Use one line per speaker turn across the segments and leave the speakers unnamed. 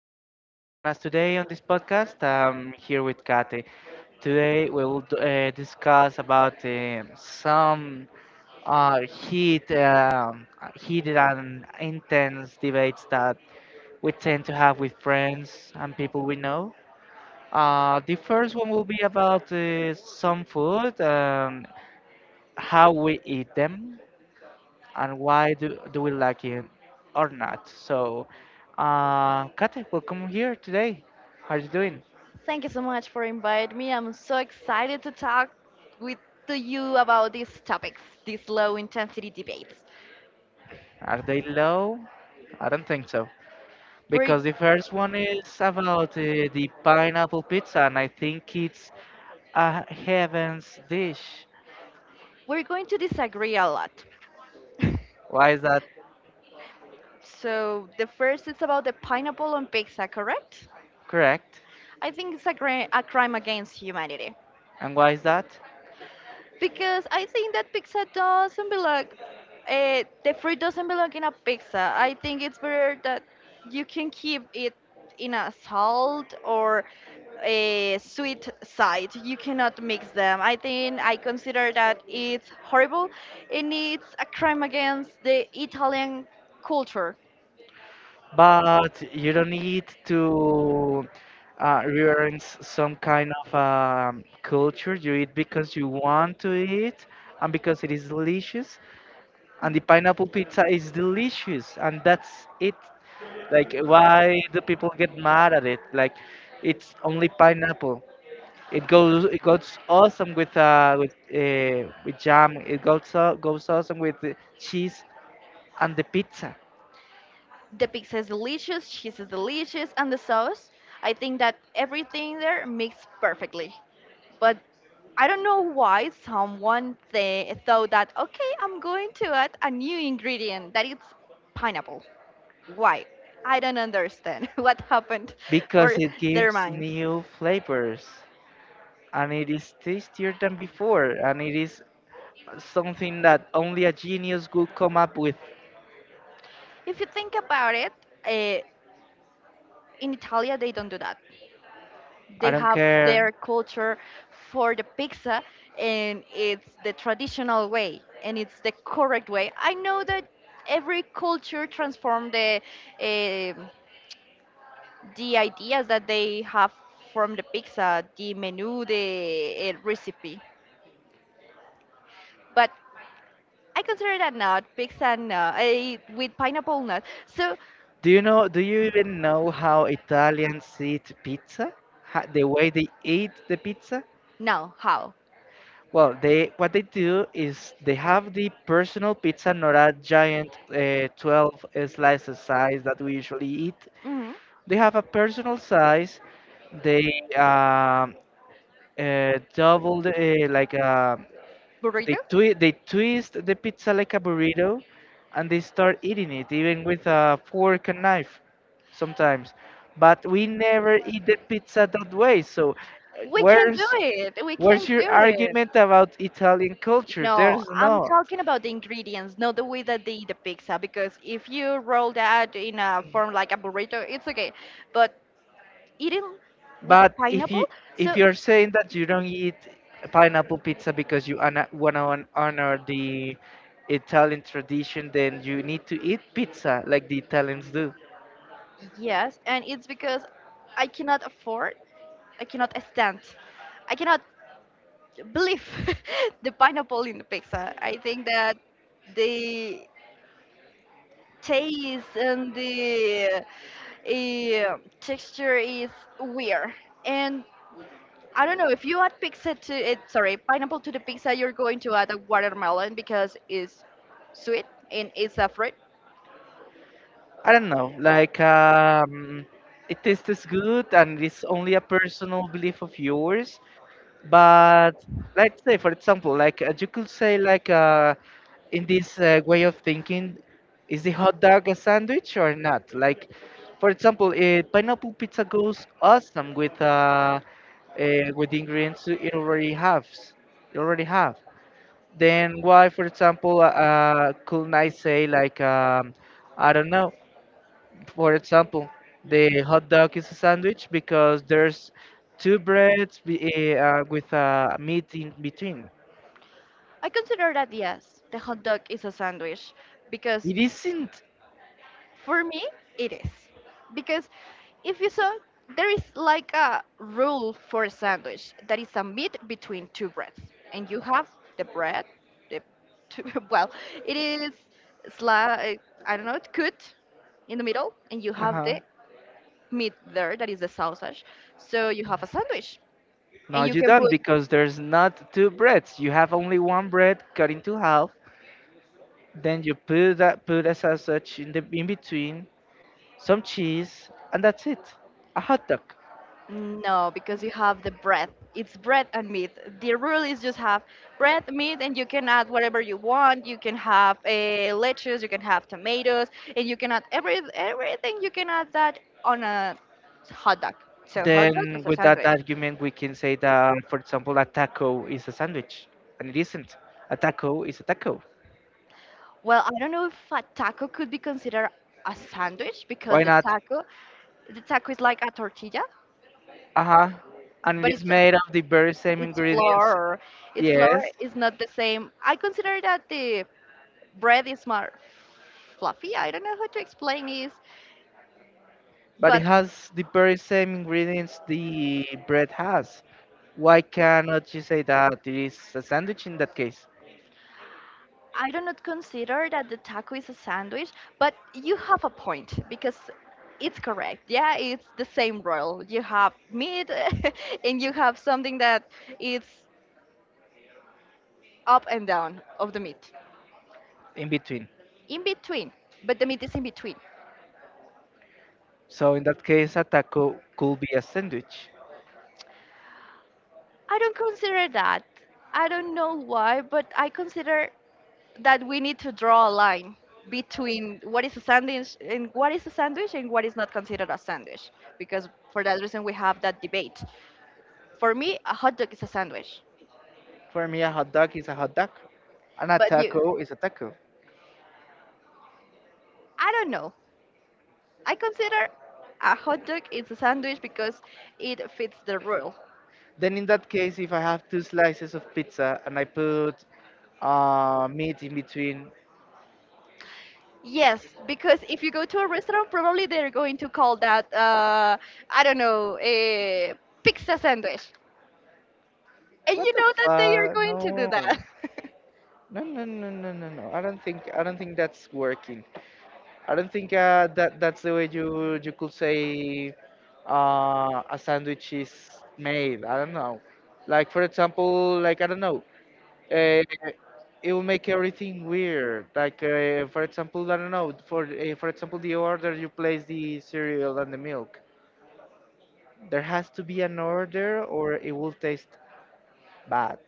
thank you for joining us today on this podcast. I'm here with Kate. Today we will discuss about some heated and intense debates that we tend to have with friends and people we know. The first one will be about some food and how we eat them and why do we like it or not. So, Kate, welcome here today. How are you doing?
Thank you so much for inviting me. I'm so excited to talk with to you about these topics, these low intensity debates.
Are they low? I don't think so.
We're
Because the first one is about the pineapple pizza, and I think it's a heaven's dish.
we're going to disagree a lot.
Why is that
So the first is about the pineapple on pizza, correct?
correct?
I think it's a, a crime against humanity.
And why is that?
Because I think that pizza doesn't belong, the fruit doesn't belong in a pizza. I think it's better that you can keep it in a salt or a sweet side. You cannot mix them. I consider that it's horrible and it's a crime against the Italian culture.
But you don't need to reverence some kind of culture. You eat because you want to eat and because it is delicious. And the pineapple pizza is delicious, and that's it. Like, why do people get mad at it? Like, it's only pineapple. It goes awesome with with jam. It goes awesome with cheese and the pizza.
The pizza is delicious, cheese is delicious, and the sauce. I think that everything there mixed perfectly. But I don't know why someone thought that, okay, I'm going to add a new ingredient that it's pineapple. Why? I don't understand what happened for
Because it
their
gives
minds.
new flavors and it is tastier than before and it is something that only a genius would come up with.
If you think about it, uh, in Italia, they don't do that.
I
They
don't
have their
care.
culture for the pizza, and it's the traditional way, and it's the correct way. I know that every culture transform the eh, the ideas that they have from the pizza, the menu, the recipe. But I consider that not pizza no, with pineapple not. So
Do you know? Do you even know how Italians eat pizza? The way they eat the pizza?
now how?
Well, they what they do is they have the personal pizza, not a giant 12 slices size that we usually eat.
Hmm.
They have a personal size. They doubled like a
Burrito?
They twist the pizza like a burrito, and they start eating it even with a fork and knife, sometimes. But we never eat the pizza that way. So,
We can do it. We
where's
can
your
do it.
argument about Italian culture?
No,
There's
I'm
no.
talking about the ingredients, not the way that they eat the pizza. Because if you roll that in a form like a burrito, it's okay. But eating with
But if
pineapple,
you If
so
you're saying that you don't eat pineapple pizza because you wanna honor the Italian tradition, then you need to eat pizza like the Italians do.
yes, and it's because I cannot afford, I cannot stand, I cannot believe the pineapple in the pizza. I think that the taste and the texture is weird. And I don't know if you add pizza to it, sorry, pineapple to the pizza, you're going to add a watermelon because it's sweet and it's a fruit.
I don't know, it tastes good and it's only a personal belief of yours. But let's say, for example, you could say, like in this way of thinking, is the hot dog a sandwich or not? Like, for example, pineapple pizza goes awesome uh, with the ingredients it already has. You already have. Then why, for example, couldn't I say I don't know, for example, the hot dog is a sandwich because there's two breads with a meat in between.
I consider that yes, the hot dog is a sandwich because.
It isn't.
For me, it is. Because if you saw, there is like a rule for a sandwich that is a meat between two breads. And you have the bread, the two, well, it is, sli- I don't know, cut in the middle, and you have
Uh-huh.
the meat there that is the sausage. So you have a sandwich.
No,
And you
you
can
don't
put
because there's not two breads. You have only one bread cut into half. Then you put a sausage in the in between, some cheese, and that's it. A hot dog.
no, because you have the bread. It's bread and meat. The rule is just have bread, meat, and you can add whatever you want. You can have lettuce, you can have tomatoes, and you can add everything. You can add that on a hot dog. So yeah. Hot dog
Then
is a
with that
sandwich.
argument, we can say that, for example, a taco is a sandwich, and it isn't. A taco is a taco.
Well, I don't know if a taco could be considered a sandwich because
Why not?
the taco is like a tortilla,
Uh-huh. And
but
it is made of the very same
it's
ingredients,
flour. It's flour
yes,
is not the same. I consider that the bread is more fluffy. I don't know how to explain this,
but it
but
has the very same ingredients the bread has. Why cannot you say that it is a sandwich in that case,
I do not consider that the taco is a sandwich, but you have a point because it's correct. Yeah, it's the same roll. You have meat and you have something that is up and down of the meat.
in between?
In between, but the meat is in between.
So in that case, a taco could be a sandwich.
I don't consider that. I don't know why, but I consider that we need to draw a line between what is a sandwich and what is not considered a sandwich, because for that reason we have that debate. For me a hot dog is a sandwich,
For me, a hot dog is a hot dog, and a
but you,
taco is a taco.
I don't know, I consider a hot dog is a sandwich because it fits the rule.
Then in that case, if I have two slices of pizza and I put meat in between,
Yes, because if you go to a restaurant probably they're going to call that I don't know, a pizza sandwich, and
what
you
the
know that they are
fuck?
going to do
No.
that.
No, no, no, no, no, no. I don't think that's working. I don't think that that's the way you could say a sandwich is made. I don't know. Like for example, like I don't know. Uh, it will make everything weird. Like for example, I don't know. For example, the order you place the cereal and the milk. There has to be an order, or it will taste bad.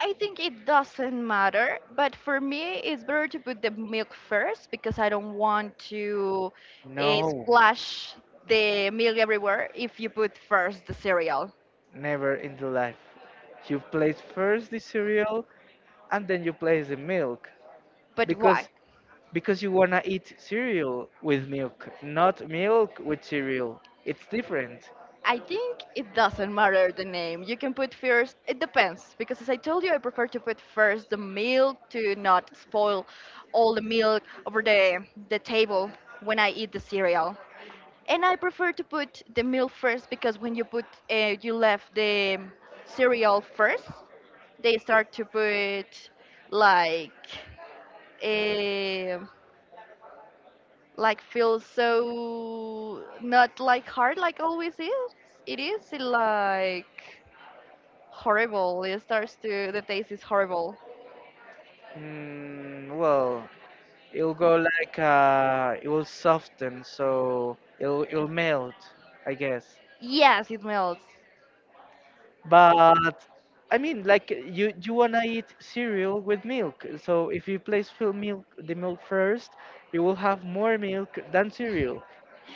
I think it doesn't matter, but for me, it's better to put the milk first because I don't want to
No,
splash the milk everywhere if you put first the cereal.
never in the life. You place first the cereal and then you place the milk
But why?
because because you wanna eat cereal with milk, not milk with cereal. It's different.
I think it doesn't matter the name. You can put first, it depends, because as I told you, I prefer to put first the milk to not spoil all the milk over the table when I eat the cereal. And I prefer to put the milk first because when you put you left the cereal first, they start to put like eh, like feel so not like hard like always is. It is like horrible. It starts to the taste is horrible.
Well, it'll go like it will soften, so it'll melt, I guess.
Yes, it melts.
But I mean, like you wanna eat cereal with milk, so if you place fill milk the milk first, you will have more milk than cereal.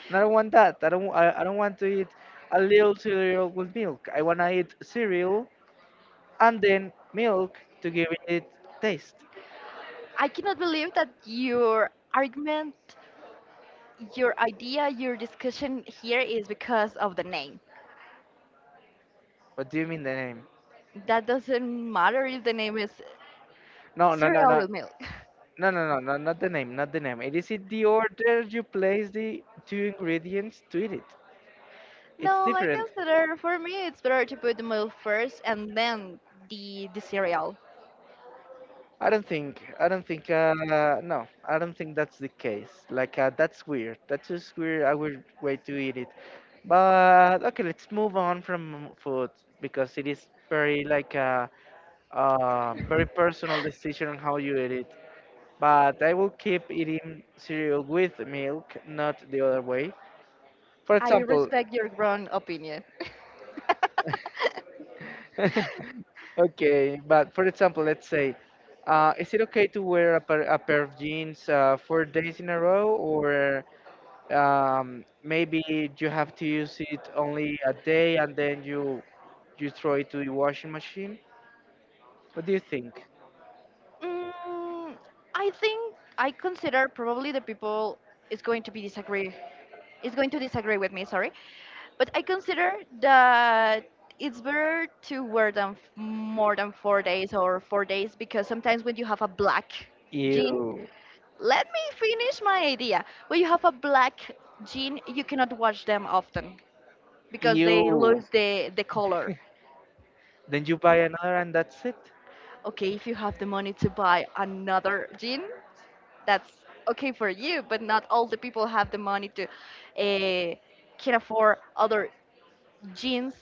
And I don't want that. I don't want to eat a little cereal with milk. I wanna eat cereal and then milk to give it taste.
I cannot believe that your argument, your idea, your discussion here is because of the name.
What do you mean the name?
That doesn't matter if the name is
No, no, no,
cereal
no,
with milk.
no, no, no, no, not the name. It is in the order you place the two ingredients to eat it. It's
No, I
different.
consider for me it's better to put the milk first and then the cereal.
I don't think. I don't think. No, I don't think that's the case. Like that's weird. That's just weird. I would way to eat it. But okay, let's move on from food because it is very like a very personal decision on how you eat it. But I will keep eating cereal with milk, not the other way. For
I
example,
respect your grown opinion.
okay, but for example, let's say, is it okay to wear a pair of jeans 4 days in a row, or maybe you have to use it only a day and then you throw it to the washing machine, what do you think?
Mm, I think I consider probably the people is going to be disagree is going to disagree with me, sorry. But I consider that it's better to wear them more than 4 days or 4 days because sometimes when you have a black jean,
Ew.
let me finish my idea. When you have a black jean, you cannot wash them often because they
Ew.
lose the color.
Then you buy another and that's it.
Okay, if you have the money to buy another jean, that's okay for you but not all the people have the money to can afford other jeans.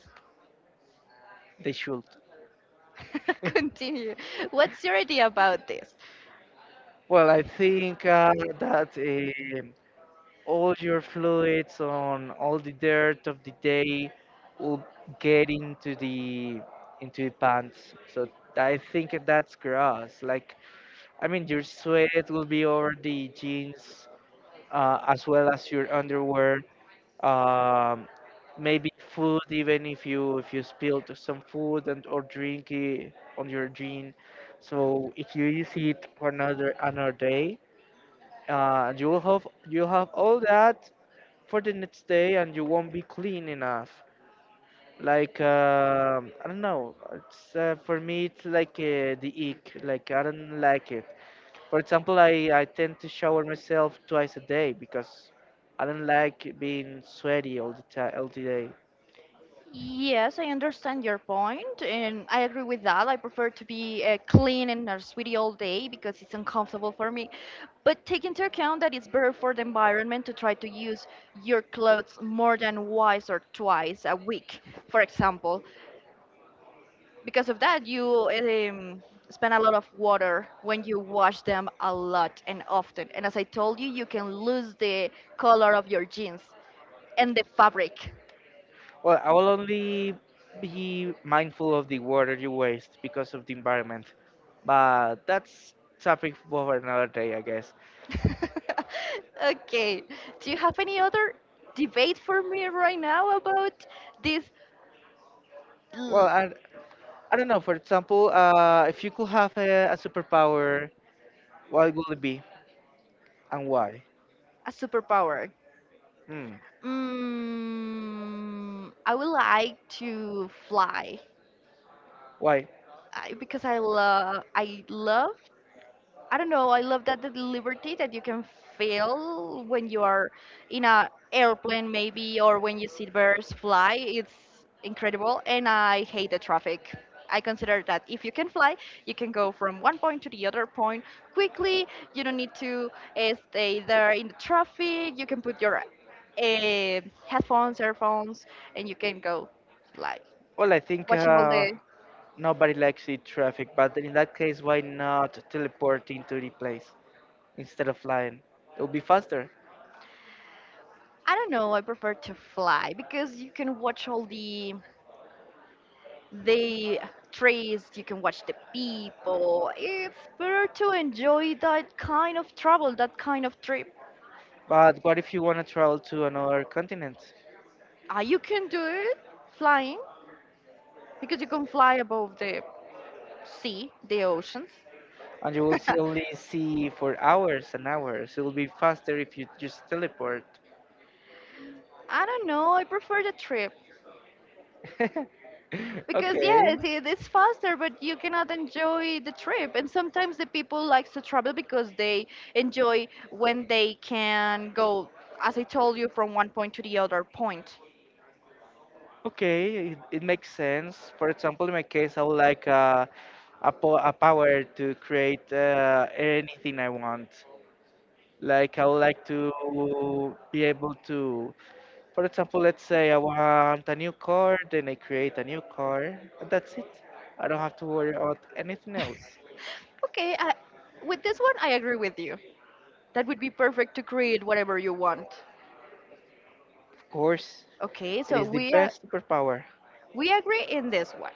They should.
Continue, what's your idea about this?
Well, I think that all your fluids on all the dirt of the day will get into the pants, so I think that's gross. Like, I mean, your sweat will be over the jeans, as well as your underwear, um, maybe food, even if you spilled some food and or drink it on your jean. So if you use it for another day, you will have all that for the next day and you won't be clean enough. Like I don't know, it's for me it's like the ick, like I don't like it. For example, I tend to shower myself twice a day because I don't like being sweaty all the time, all the day.
Yes, I understand your point, and I agree with that. I prefer to be clean and not sweaty all day because it's uncomfortable for me. But take into account that it's better for the environment to try to use your clothes more than once or twice a week, for example. Because of that you um, spend a lot of water when you wash them a lot and often, and as I told you you can lose the color of your jeans and the fabric.
Well, I will only be mindful of the water you waste because of the environment, but that's topic for another day, I guess.
Okay, do you have any other debate for me right now about this
Well,
l-
I don't know. For example, if you could have a superpower, what would it be and why?
a superpower?
Hmm.
Mm, I would like to fly.
Why?
I, because I love, I don't know. I love that the liberty that you can feel when you are in a airplane, maybe, or when you see birds fly. It's incredible, and I hate the traffic. I consider that if you can fly, you can go from one point to the other point quickly. You don't need to stay there in the traffic. You can put your headphones, earphones, and you can go like
Well, I think
watching all the.
nobody likes sea traffic, but in that case, why not teleport into the place instead of flying? It will be faster.
I don't know. I prefer to fly because you can watch all the trees, you can watch the people. It's better to enjoy that kind of travel, that kind of trip.
But what if you want to travel to another continent
You can do it flying because you can fly above the sea, the oceans.
and you will see for hours and hours? It will be faster if you just teleport.
I don't know, I prefer the trip. Because yes,
Okay,
it is faster, but you cannot enjoy the trip. And sometimes the people likes to travel because they enjoy when they can go, as I told you, from one point to the other point.
okay, it makes sense. For example, in my case, I would like a power to create anything I want. Like, I would like to be able to. For example, let's say I want a new car, then I create a new car, and that's it. I don't have to worry about anything else.
Okay, I, with this one, I agree with you. That would be perfect to create whatever you want.
Of course,
Okay,
it
so
is the best superpower.
we agree in this one.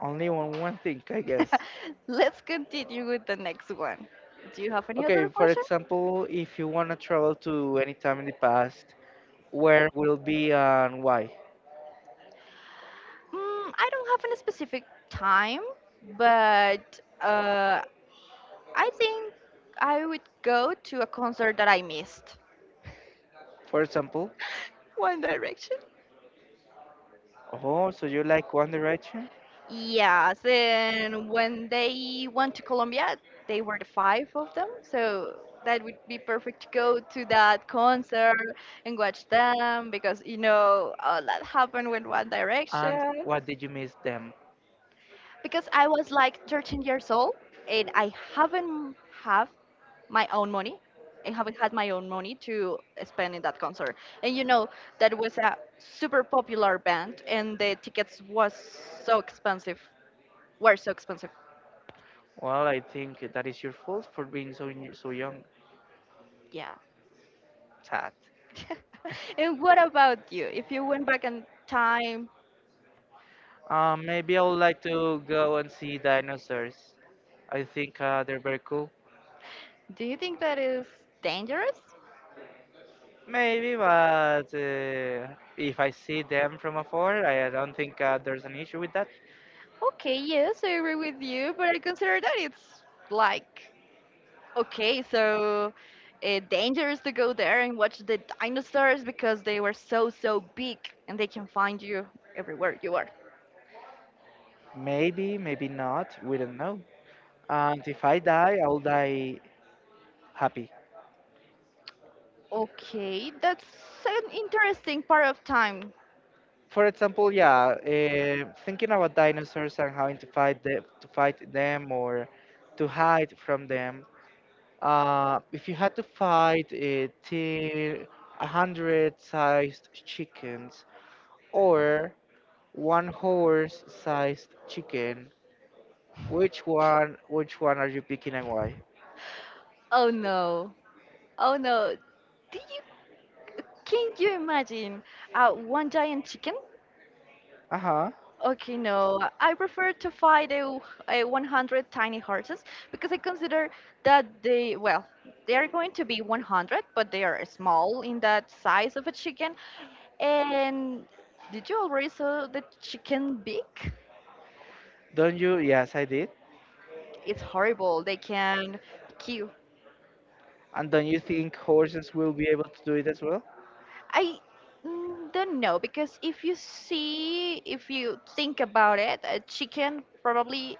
Only on one thing, I guess.
Let's continue with the next one. Do you have any
Okay,
other
for
question?
example, if you want to travel to any time in the past, where will be and why?
Mm, I don't have any specific time, but I think I would go to a concert that I missed.
For example,
One Direction.
oh, so you like One Direction?
Yes, and when they went to Colombia, they were the five of them, so that would be perfect to go to that concert and watch them because you know all that happened with One
And
Direction.
what did you miss them?
Because I was like 13 years old and I haven't have my own money. I haven't had my own money to spend in that concert. And you know that was a super popular band and the tickets was so expensive were so expensive.
Well, I think that is your fault for being so young.
Yeah.
Sad.
And what about you? If you went back in time,
Maybe I would like to go and see dinosaurs. I think they're very cool.
do you think that is dangerous?
Maybe, but if I see them from afar, I don't think there's an issue with that.
Okay, yes, I agree with you, but I consider that it's like, okay, so dangerous to go there and watch the dinosaurs because they were so, so big and they can find you everywhere you are.
Maybe, maybe not. We don't know. And if I die, I'll die happy.
Okay, that's an interesting part of time.
For example, yeah, thinking about dinosaurs and having to fight to fight them or to hide from them. If you had to fight a team, 100 sized chickens or one horse sized chicken, which one are you picking and why?
Oh no. Oh no. Did you, can you imagine one giant chicken?
Uh huh.
Okay, no. I prefer to fight a 100 tiny horses because I consider that they, well, they are going to be 100, but they are small in that size of a chicken. And did you already saw the chicken beak?
Don't you? Yes, I did.
It's horrible. They can kill,
And don't you think horses will be able to do it as well?
I don't know because if you see, if you think about it, a chicken probably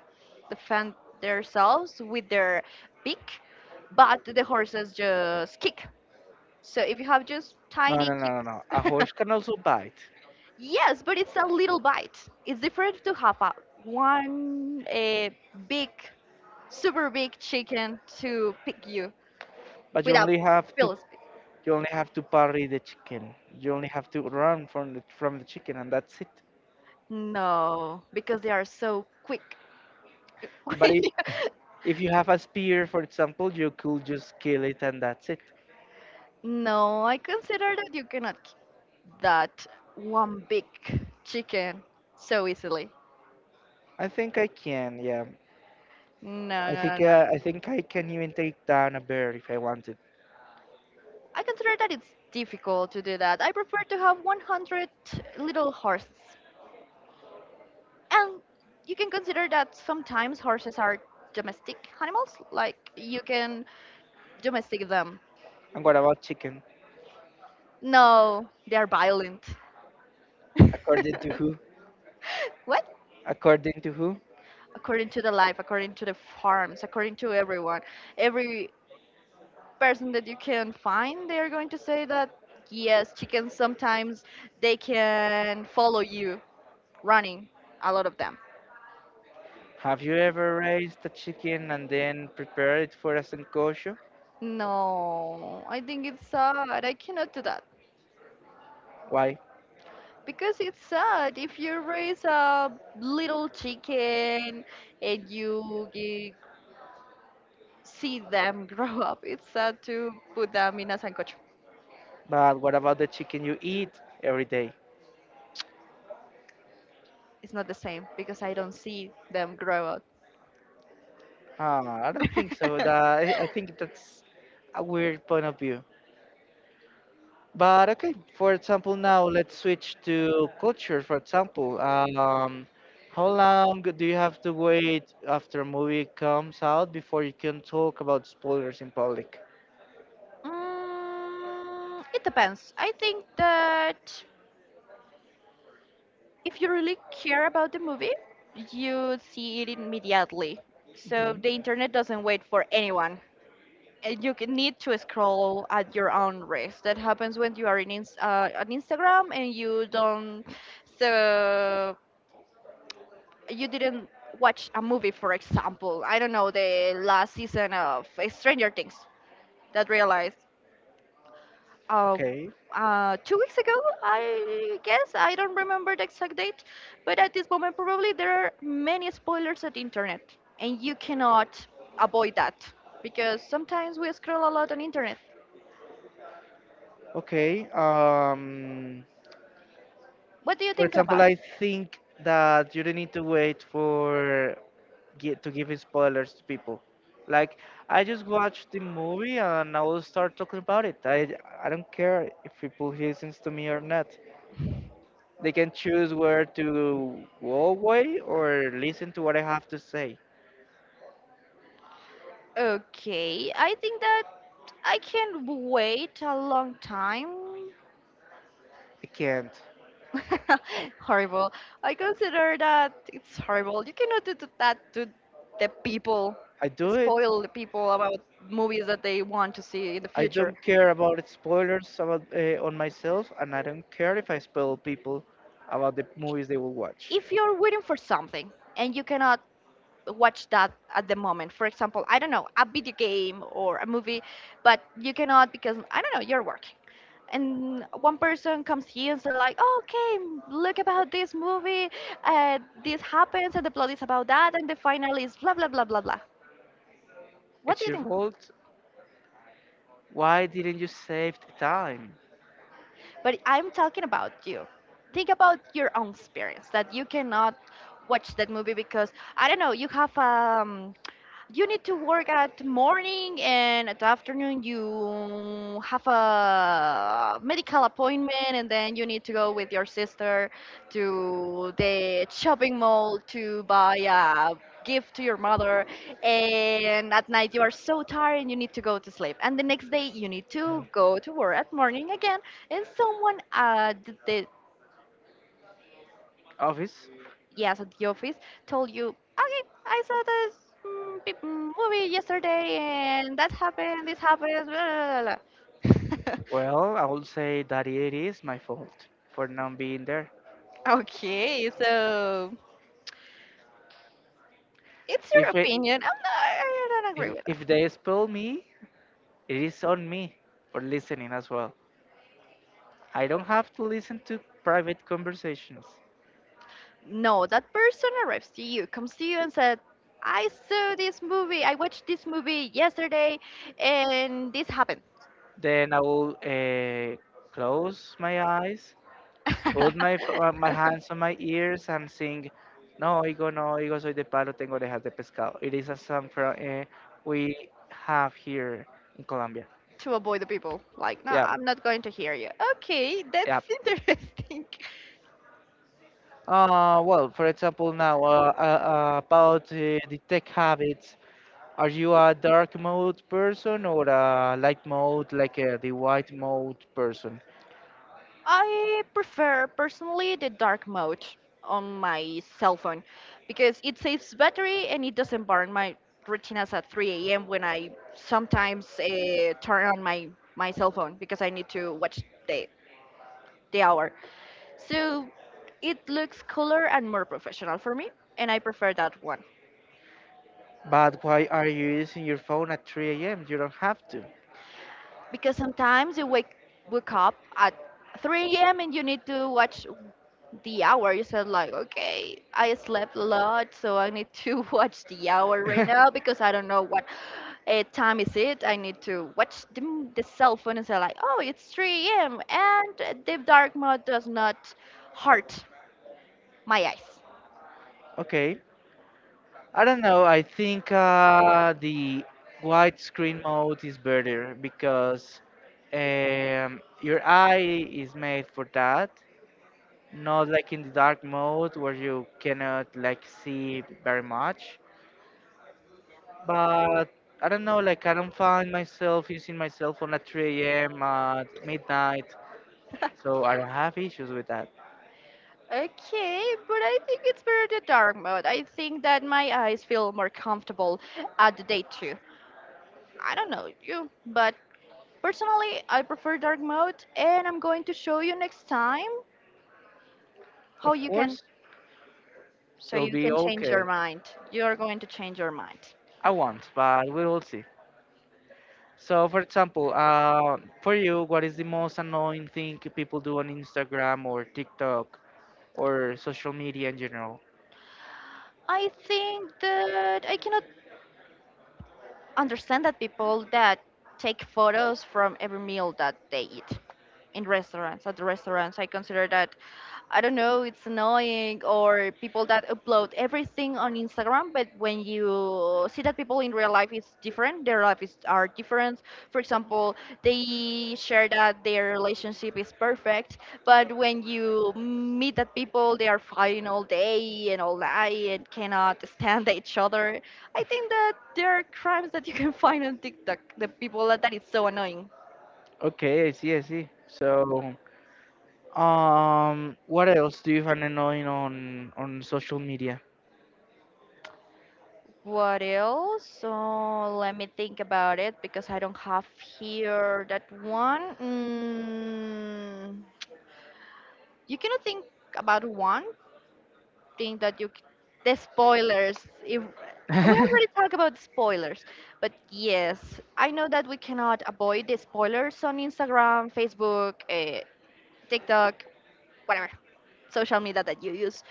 defend themselves with their beak, but the horses just kick. So if you have just
No,
tiny
no, no, no, no. A
kicks,
horse can also bite,
yes, but it's a little bite. It's different to have a big, super big chicken to pick you
but
without Philippines.
you only have to parry the chicken. You only have to run from the chicken, and that's it.
No, because they are so quick.
But it, If you have a spear, for example, you could just kill it and that's it.
No, I consider that you cannot keep that one big chicken so easily.
I think I can, yeah.
No, no, no.
I
no.
think I can even take down a bear if I wanted.
I consider that it's difficult to do that. I prefer to have 100 little horses. And you can consider that sometimes horses are domestic animals, like you can domestic them.
And what about chicken?
No, they are violent.
According to who?
What?
According to who?
According to the life, according to the farms, according to everyone. Every person that you can find, they are going to say that yes, chickens sometimes they can follow you running, a lot of them.
Have you ever raised a chicken and then prepared it for a senkosho?
No, I think it's sad. I cannot do that.
Why?
Because it's sad if you raise a little chicken and see them grow up. It's sad to put them in a sancocho.
But what about the chicken you eat every day?
It's not the same because I don't see them grow up.
Ah, I don't think so. I think that's a weird point of view. But okay, for example, now let's switch to culture. For example, how long do you have to wait after a movie comes out before you can talk about spoilers in public?
Mm, it depends. I think that if you really care about the movie, you see it immediately. So
Mhm.
the internet doesn't wait for anyone. And you can need to scroll at your own risk. That happens when you are in ins on Instagram and you don't. So you didn't watch a movie, for example. I don't know the last season of Stranger Things. That realized uh,
Okay.
2 weeks ago, I guess. I don't remember the exact date, but at this moment, probably there are many spoilers at the internet, and you cannot avoid that because sometimes we scroll a lot on internet.
Okay.
What do you
For
think
example,
about
I
it?
think that you don't need to wait for get to give spoilers to people. Like I just watched the movie and I will start talking about it. I don't care if people listens to me or not. They can choose where to go away or listen to what I have to say.
Okay, I think that I can wait a long time.
I can't.
Horrible. I consider that it's horrible. You cannot that to the people,
I do it.
spoil the people about movies that they want to see in the
I
future.
don't care about spoilers about on myself, and I don't care if I spoil people about the movies they will watch.
If you're waiting for something and you cannot watch that at the moment, for example, I don't know, a video game or a movie, but you cannot because, I don't know, you're working and one person comes here and they're like, "Oh, okay, look about this movie, this happens and the plot is about that and the final is blah blah blah blah blah. What do
It's
you
your
think?"
fault. Why didn't you save the time,
But I'm talking about you. Think about your own experience that you cannot watch that movie because I don't know, you have you need to work at morning and at afternoon you have a medical appointment and then you need to go with your sister to the shopping mall to buy a gift to your mother and at night you are so tired and you need to go to sleep and the next day you need to go to work at morning again and someone at the,
office?
yes, at the office told you, "Okay, I saw this movie yesterday, and that happened, this happened, blah, blah, blah, blah."
Well, I would say that it is my fault for not being there.
Okay, so it's your
If it,
opinion. I don't
if
agree with
if
that.
they expel me, it is on me for listening as well. I don't have to listen to private conversations.
No, that person arrives to you, comes to you, and said, "I saw this movie. I watched this movie yesterday, and this happened."
Then I will close my eyes, put my my hands on my ears, and sing. No, higo, no, higo, soy de palo, tengo orejas de pescado. It is a song from, we have here in Colombia.
To avoid the people. Like, no,
Yeah,
I'm not going to hear you. Okay, that's
yeah.
interesting.
Well, for example, now about the tech habits, are you a dark mode person or a light mode, like the white mode person?
I prefer personally the dark mode on my cell phone because it saves battery and it doesn't burn my retinas at 3 a.m. when I sometimes turn on my cell phone because I need to watch the, the hour. So it looks cooler and more professional for me, and I prefer that one.
But why are you using your phone at 3 a.m.? You don't have to.
Because sometimes you wake up at 3 a.m. and you need to watch the hour. You said like, okay, I slept a lot, so I need to watch the hour right now because I don't know what time is it. I need to watch the cell phone and say like, oh, it's 3 a.m. and the dark mode does not hurt my eyes.
Okay. I don't know. I think the widescreen mode is better because your eye is made for that. Not like in the dark mode where you cannot like see very much. But I don't know. Like I don't find myself using my cell phone at 3 a.m. at midnight, so I don't have issues with that.
Okay, but I think it's better the dark mode. I think that my eyes feel more comfortable at the day too. I don't know you, but personally, I prefer dark mode, and I'm going to show you next time how
Of
you can,
course,
so
it'll
you
be
can change
okay.
your mind. You're going to change your mind.
I want, but we will see. So, for example, for you, what is the most annoying thing people do on Instagram or TikTok or social media in general?
I think that I cannot understand that people that take photos from every meal that they eat in restaurants at the restaurants, I consider that, I don't know, it's annoying, or people that upload everything on Instagram, but when you see that people in real life is different, their life is, are different. For example, they share that their relationship is perfect, but when you meet that people they are fighting all day and all night and cannot stand each other. I think that there are crimes that you can find on TikTok. The people that, that is so annoying.
Okay, I see, I see. So, what else do you find annoying on social media?
What else? So let me think about it because I don't have here that one. Mm, you cannot think about one thing that the spoilers. If we already talk about spoilers, but yes, I know that we cannot avoid the spoilers on Instagram, Facebook, TikTok, whatever social media that you use.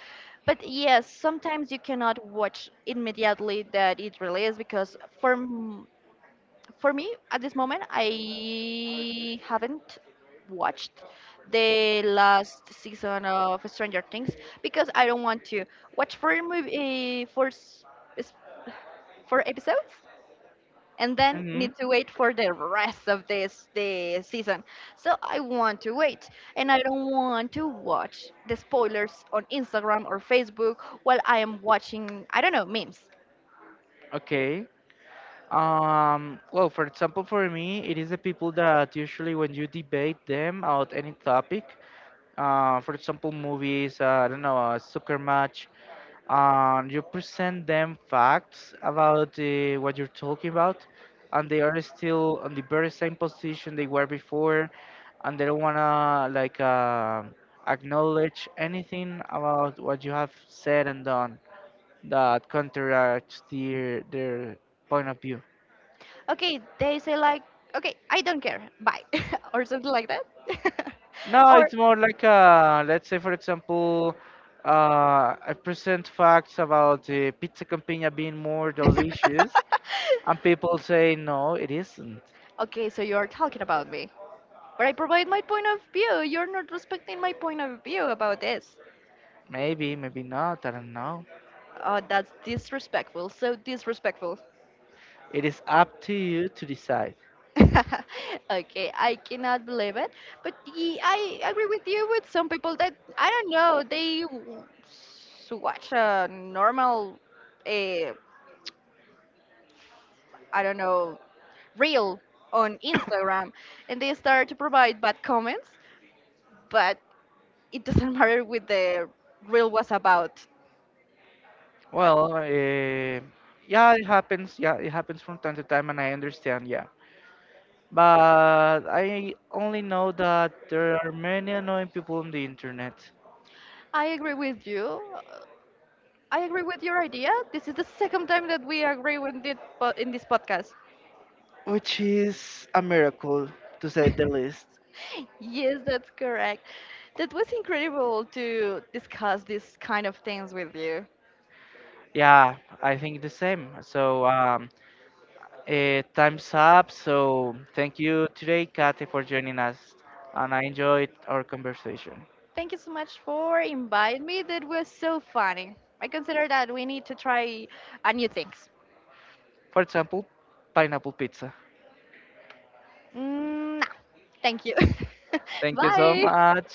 But yes, sometimes you cannot watch immediately that it released because for me at this moment I haven't watched the last season of Stranger Things because I don't want to watch four movie four s- s- four episodes and then need
Mhm.
to wait for the rest of this the season. So I want to wait and I don't want to watch the spoilers on Instagram or Facebook while I am watching I don't know memes.
Okay. Well, for example, for me, it is the people that usually when you debate them about any topic, for example, movies, I don't know, a soccer match, and you present them facts about what you're talking about, and they are still on the very same position they were before, and they don't wanna like acknowledge anything about what you have said and done that counteracts their point of view.
Okay, they say like, okay, I don't care. Bye. Or something like that.
No,
Or
it's more like let's say for example, I present facts about the pizza compagna being more delicious, and people say no, it isn't.
okay, so you're talking about me. But I provide my point of view. You're not respecting my point of view about this.
Maybe, maybe not. I don't know.
Oh, that's disrespectful. So disrespectful.
It is up to you to decide.
Okay, I cannot believe it. But I agree with you with some people that I don't know. They watch a normal, uh, I don't know, reel on Instagram, and they start to provide bad comments. But it doesn't matter what the reel was about. I
Well, yeah, it happens. Yeah, it happens from time to time, and I understand. Yeah, but I only know that there are many annoying people on the internet,
I agree with you. I agree with your idea. This is the second time that we agree with it in this podcast.
which is a miracle to say the least.
Yes, that's correct. That was incredible to discuss these kind of things with you.
Yeah, I think the same. So time's up. So thank you today, Kate, for joining us, and I enjoyed our conversation.
Thank you so much for inviting me. That was so funny. I consider that we need to try new things.
For example, pineapple pizza.
Mm, no. Thank you.
Thank you so
Bye.
much.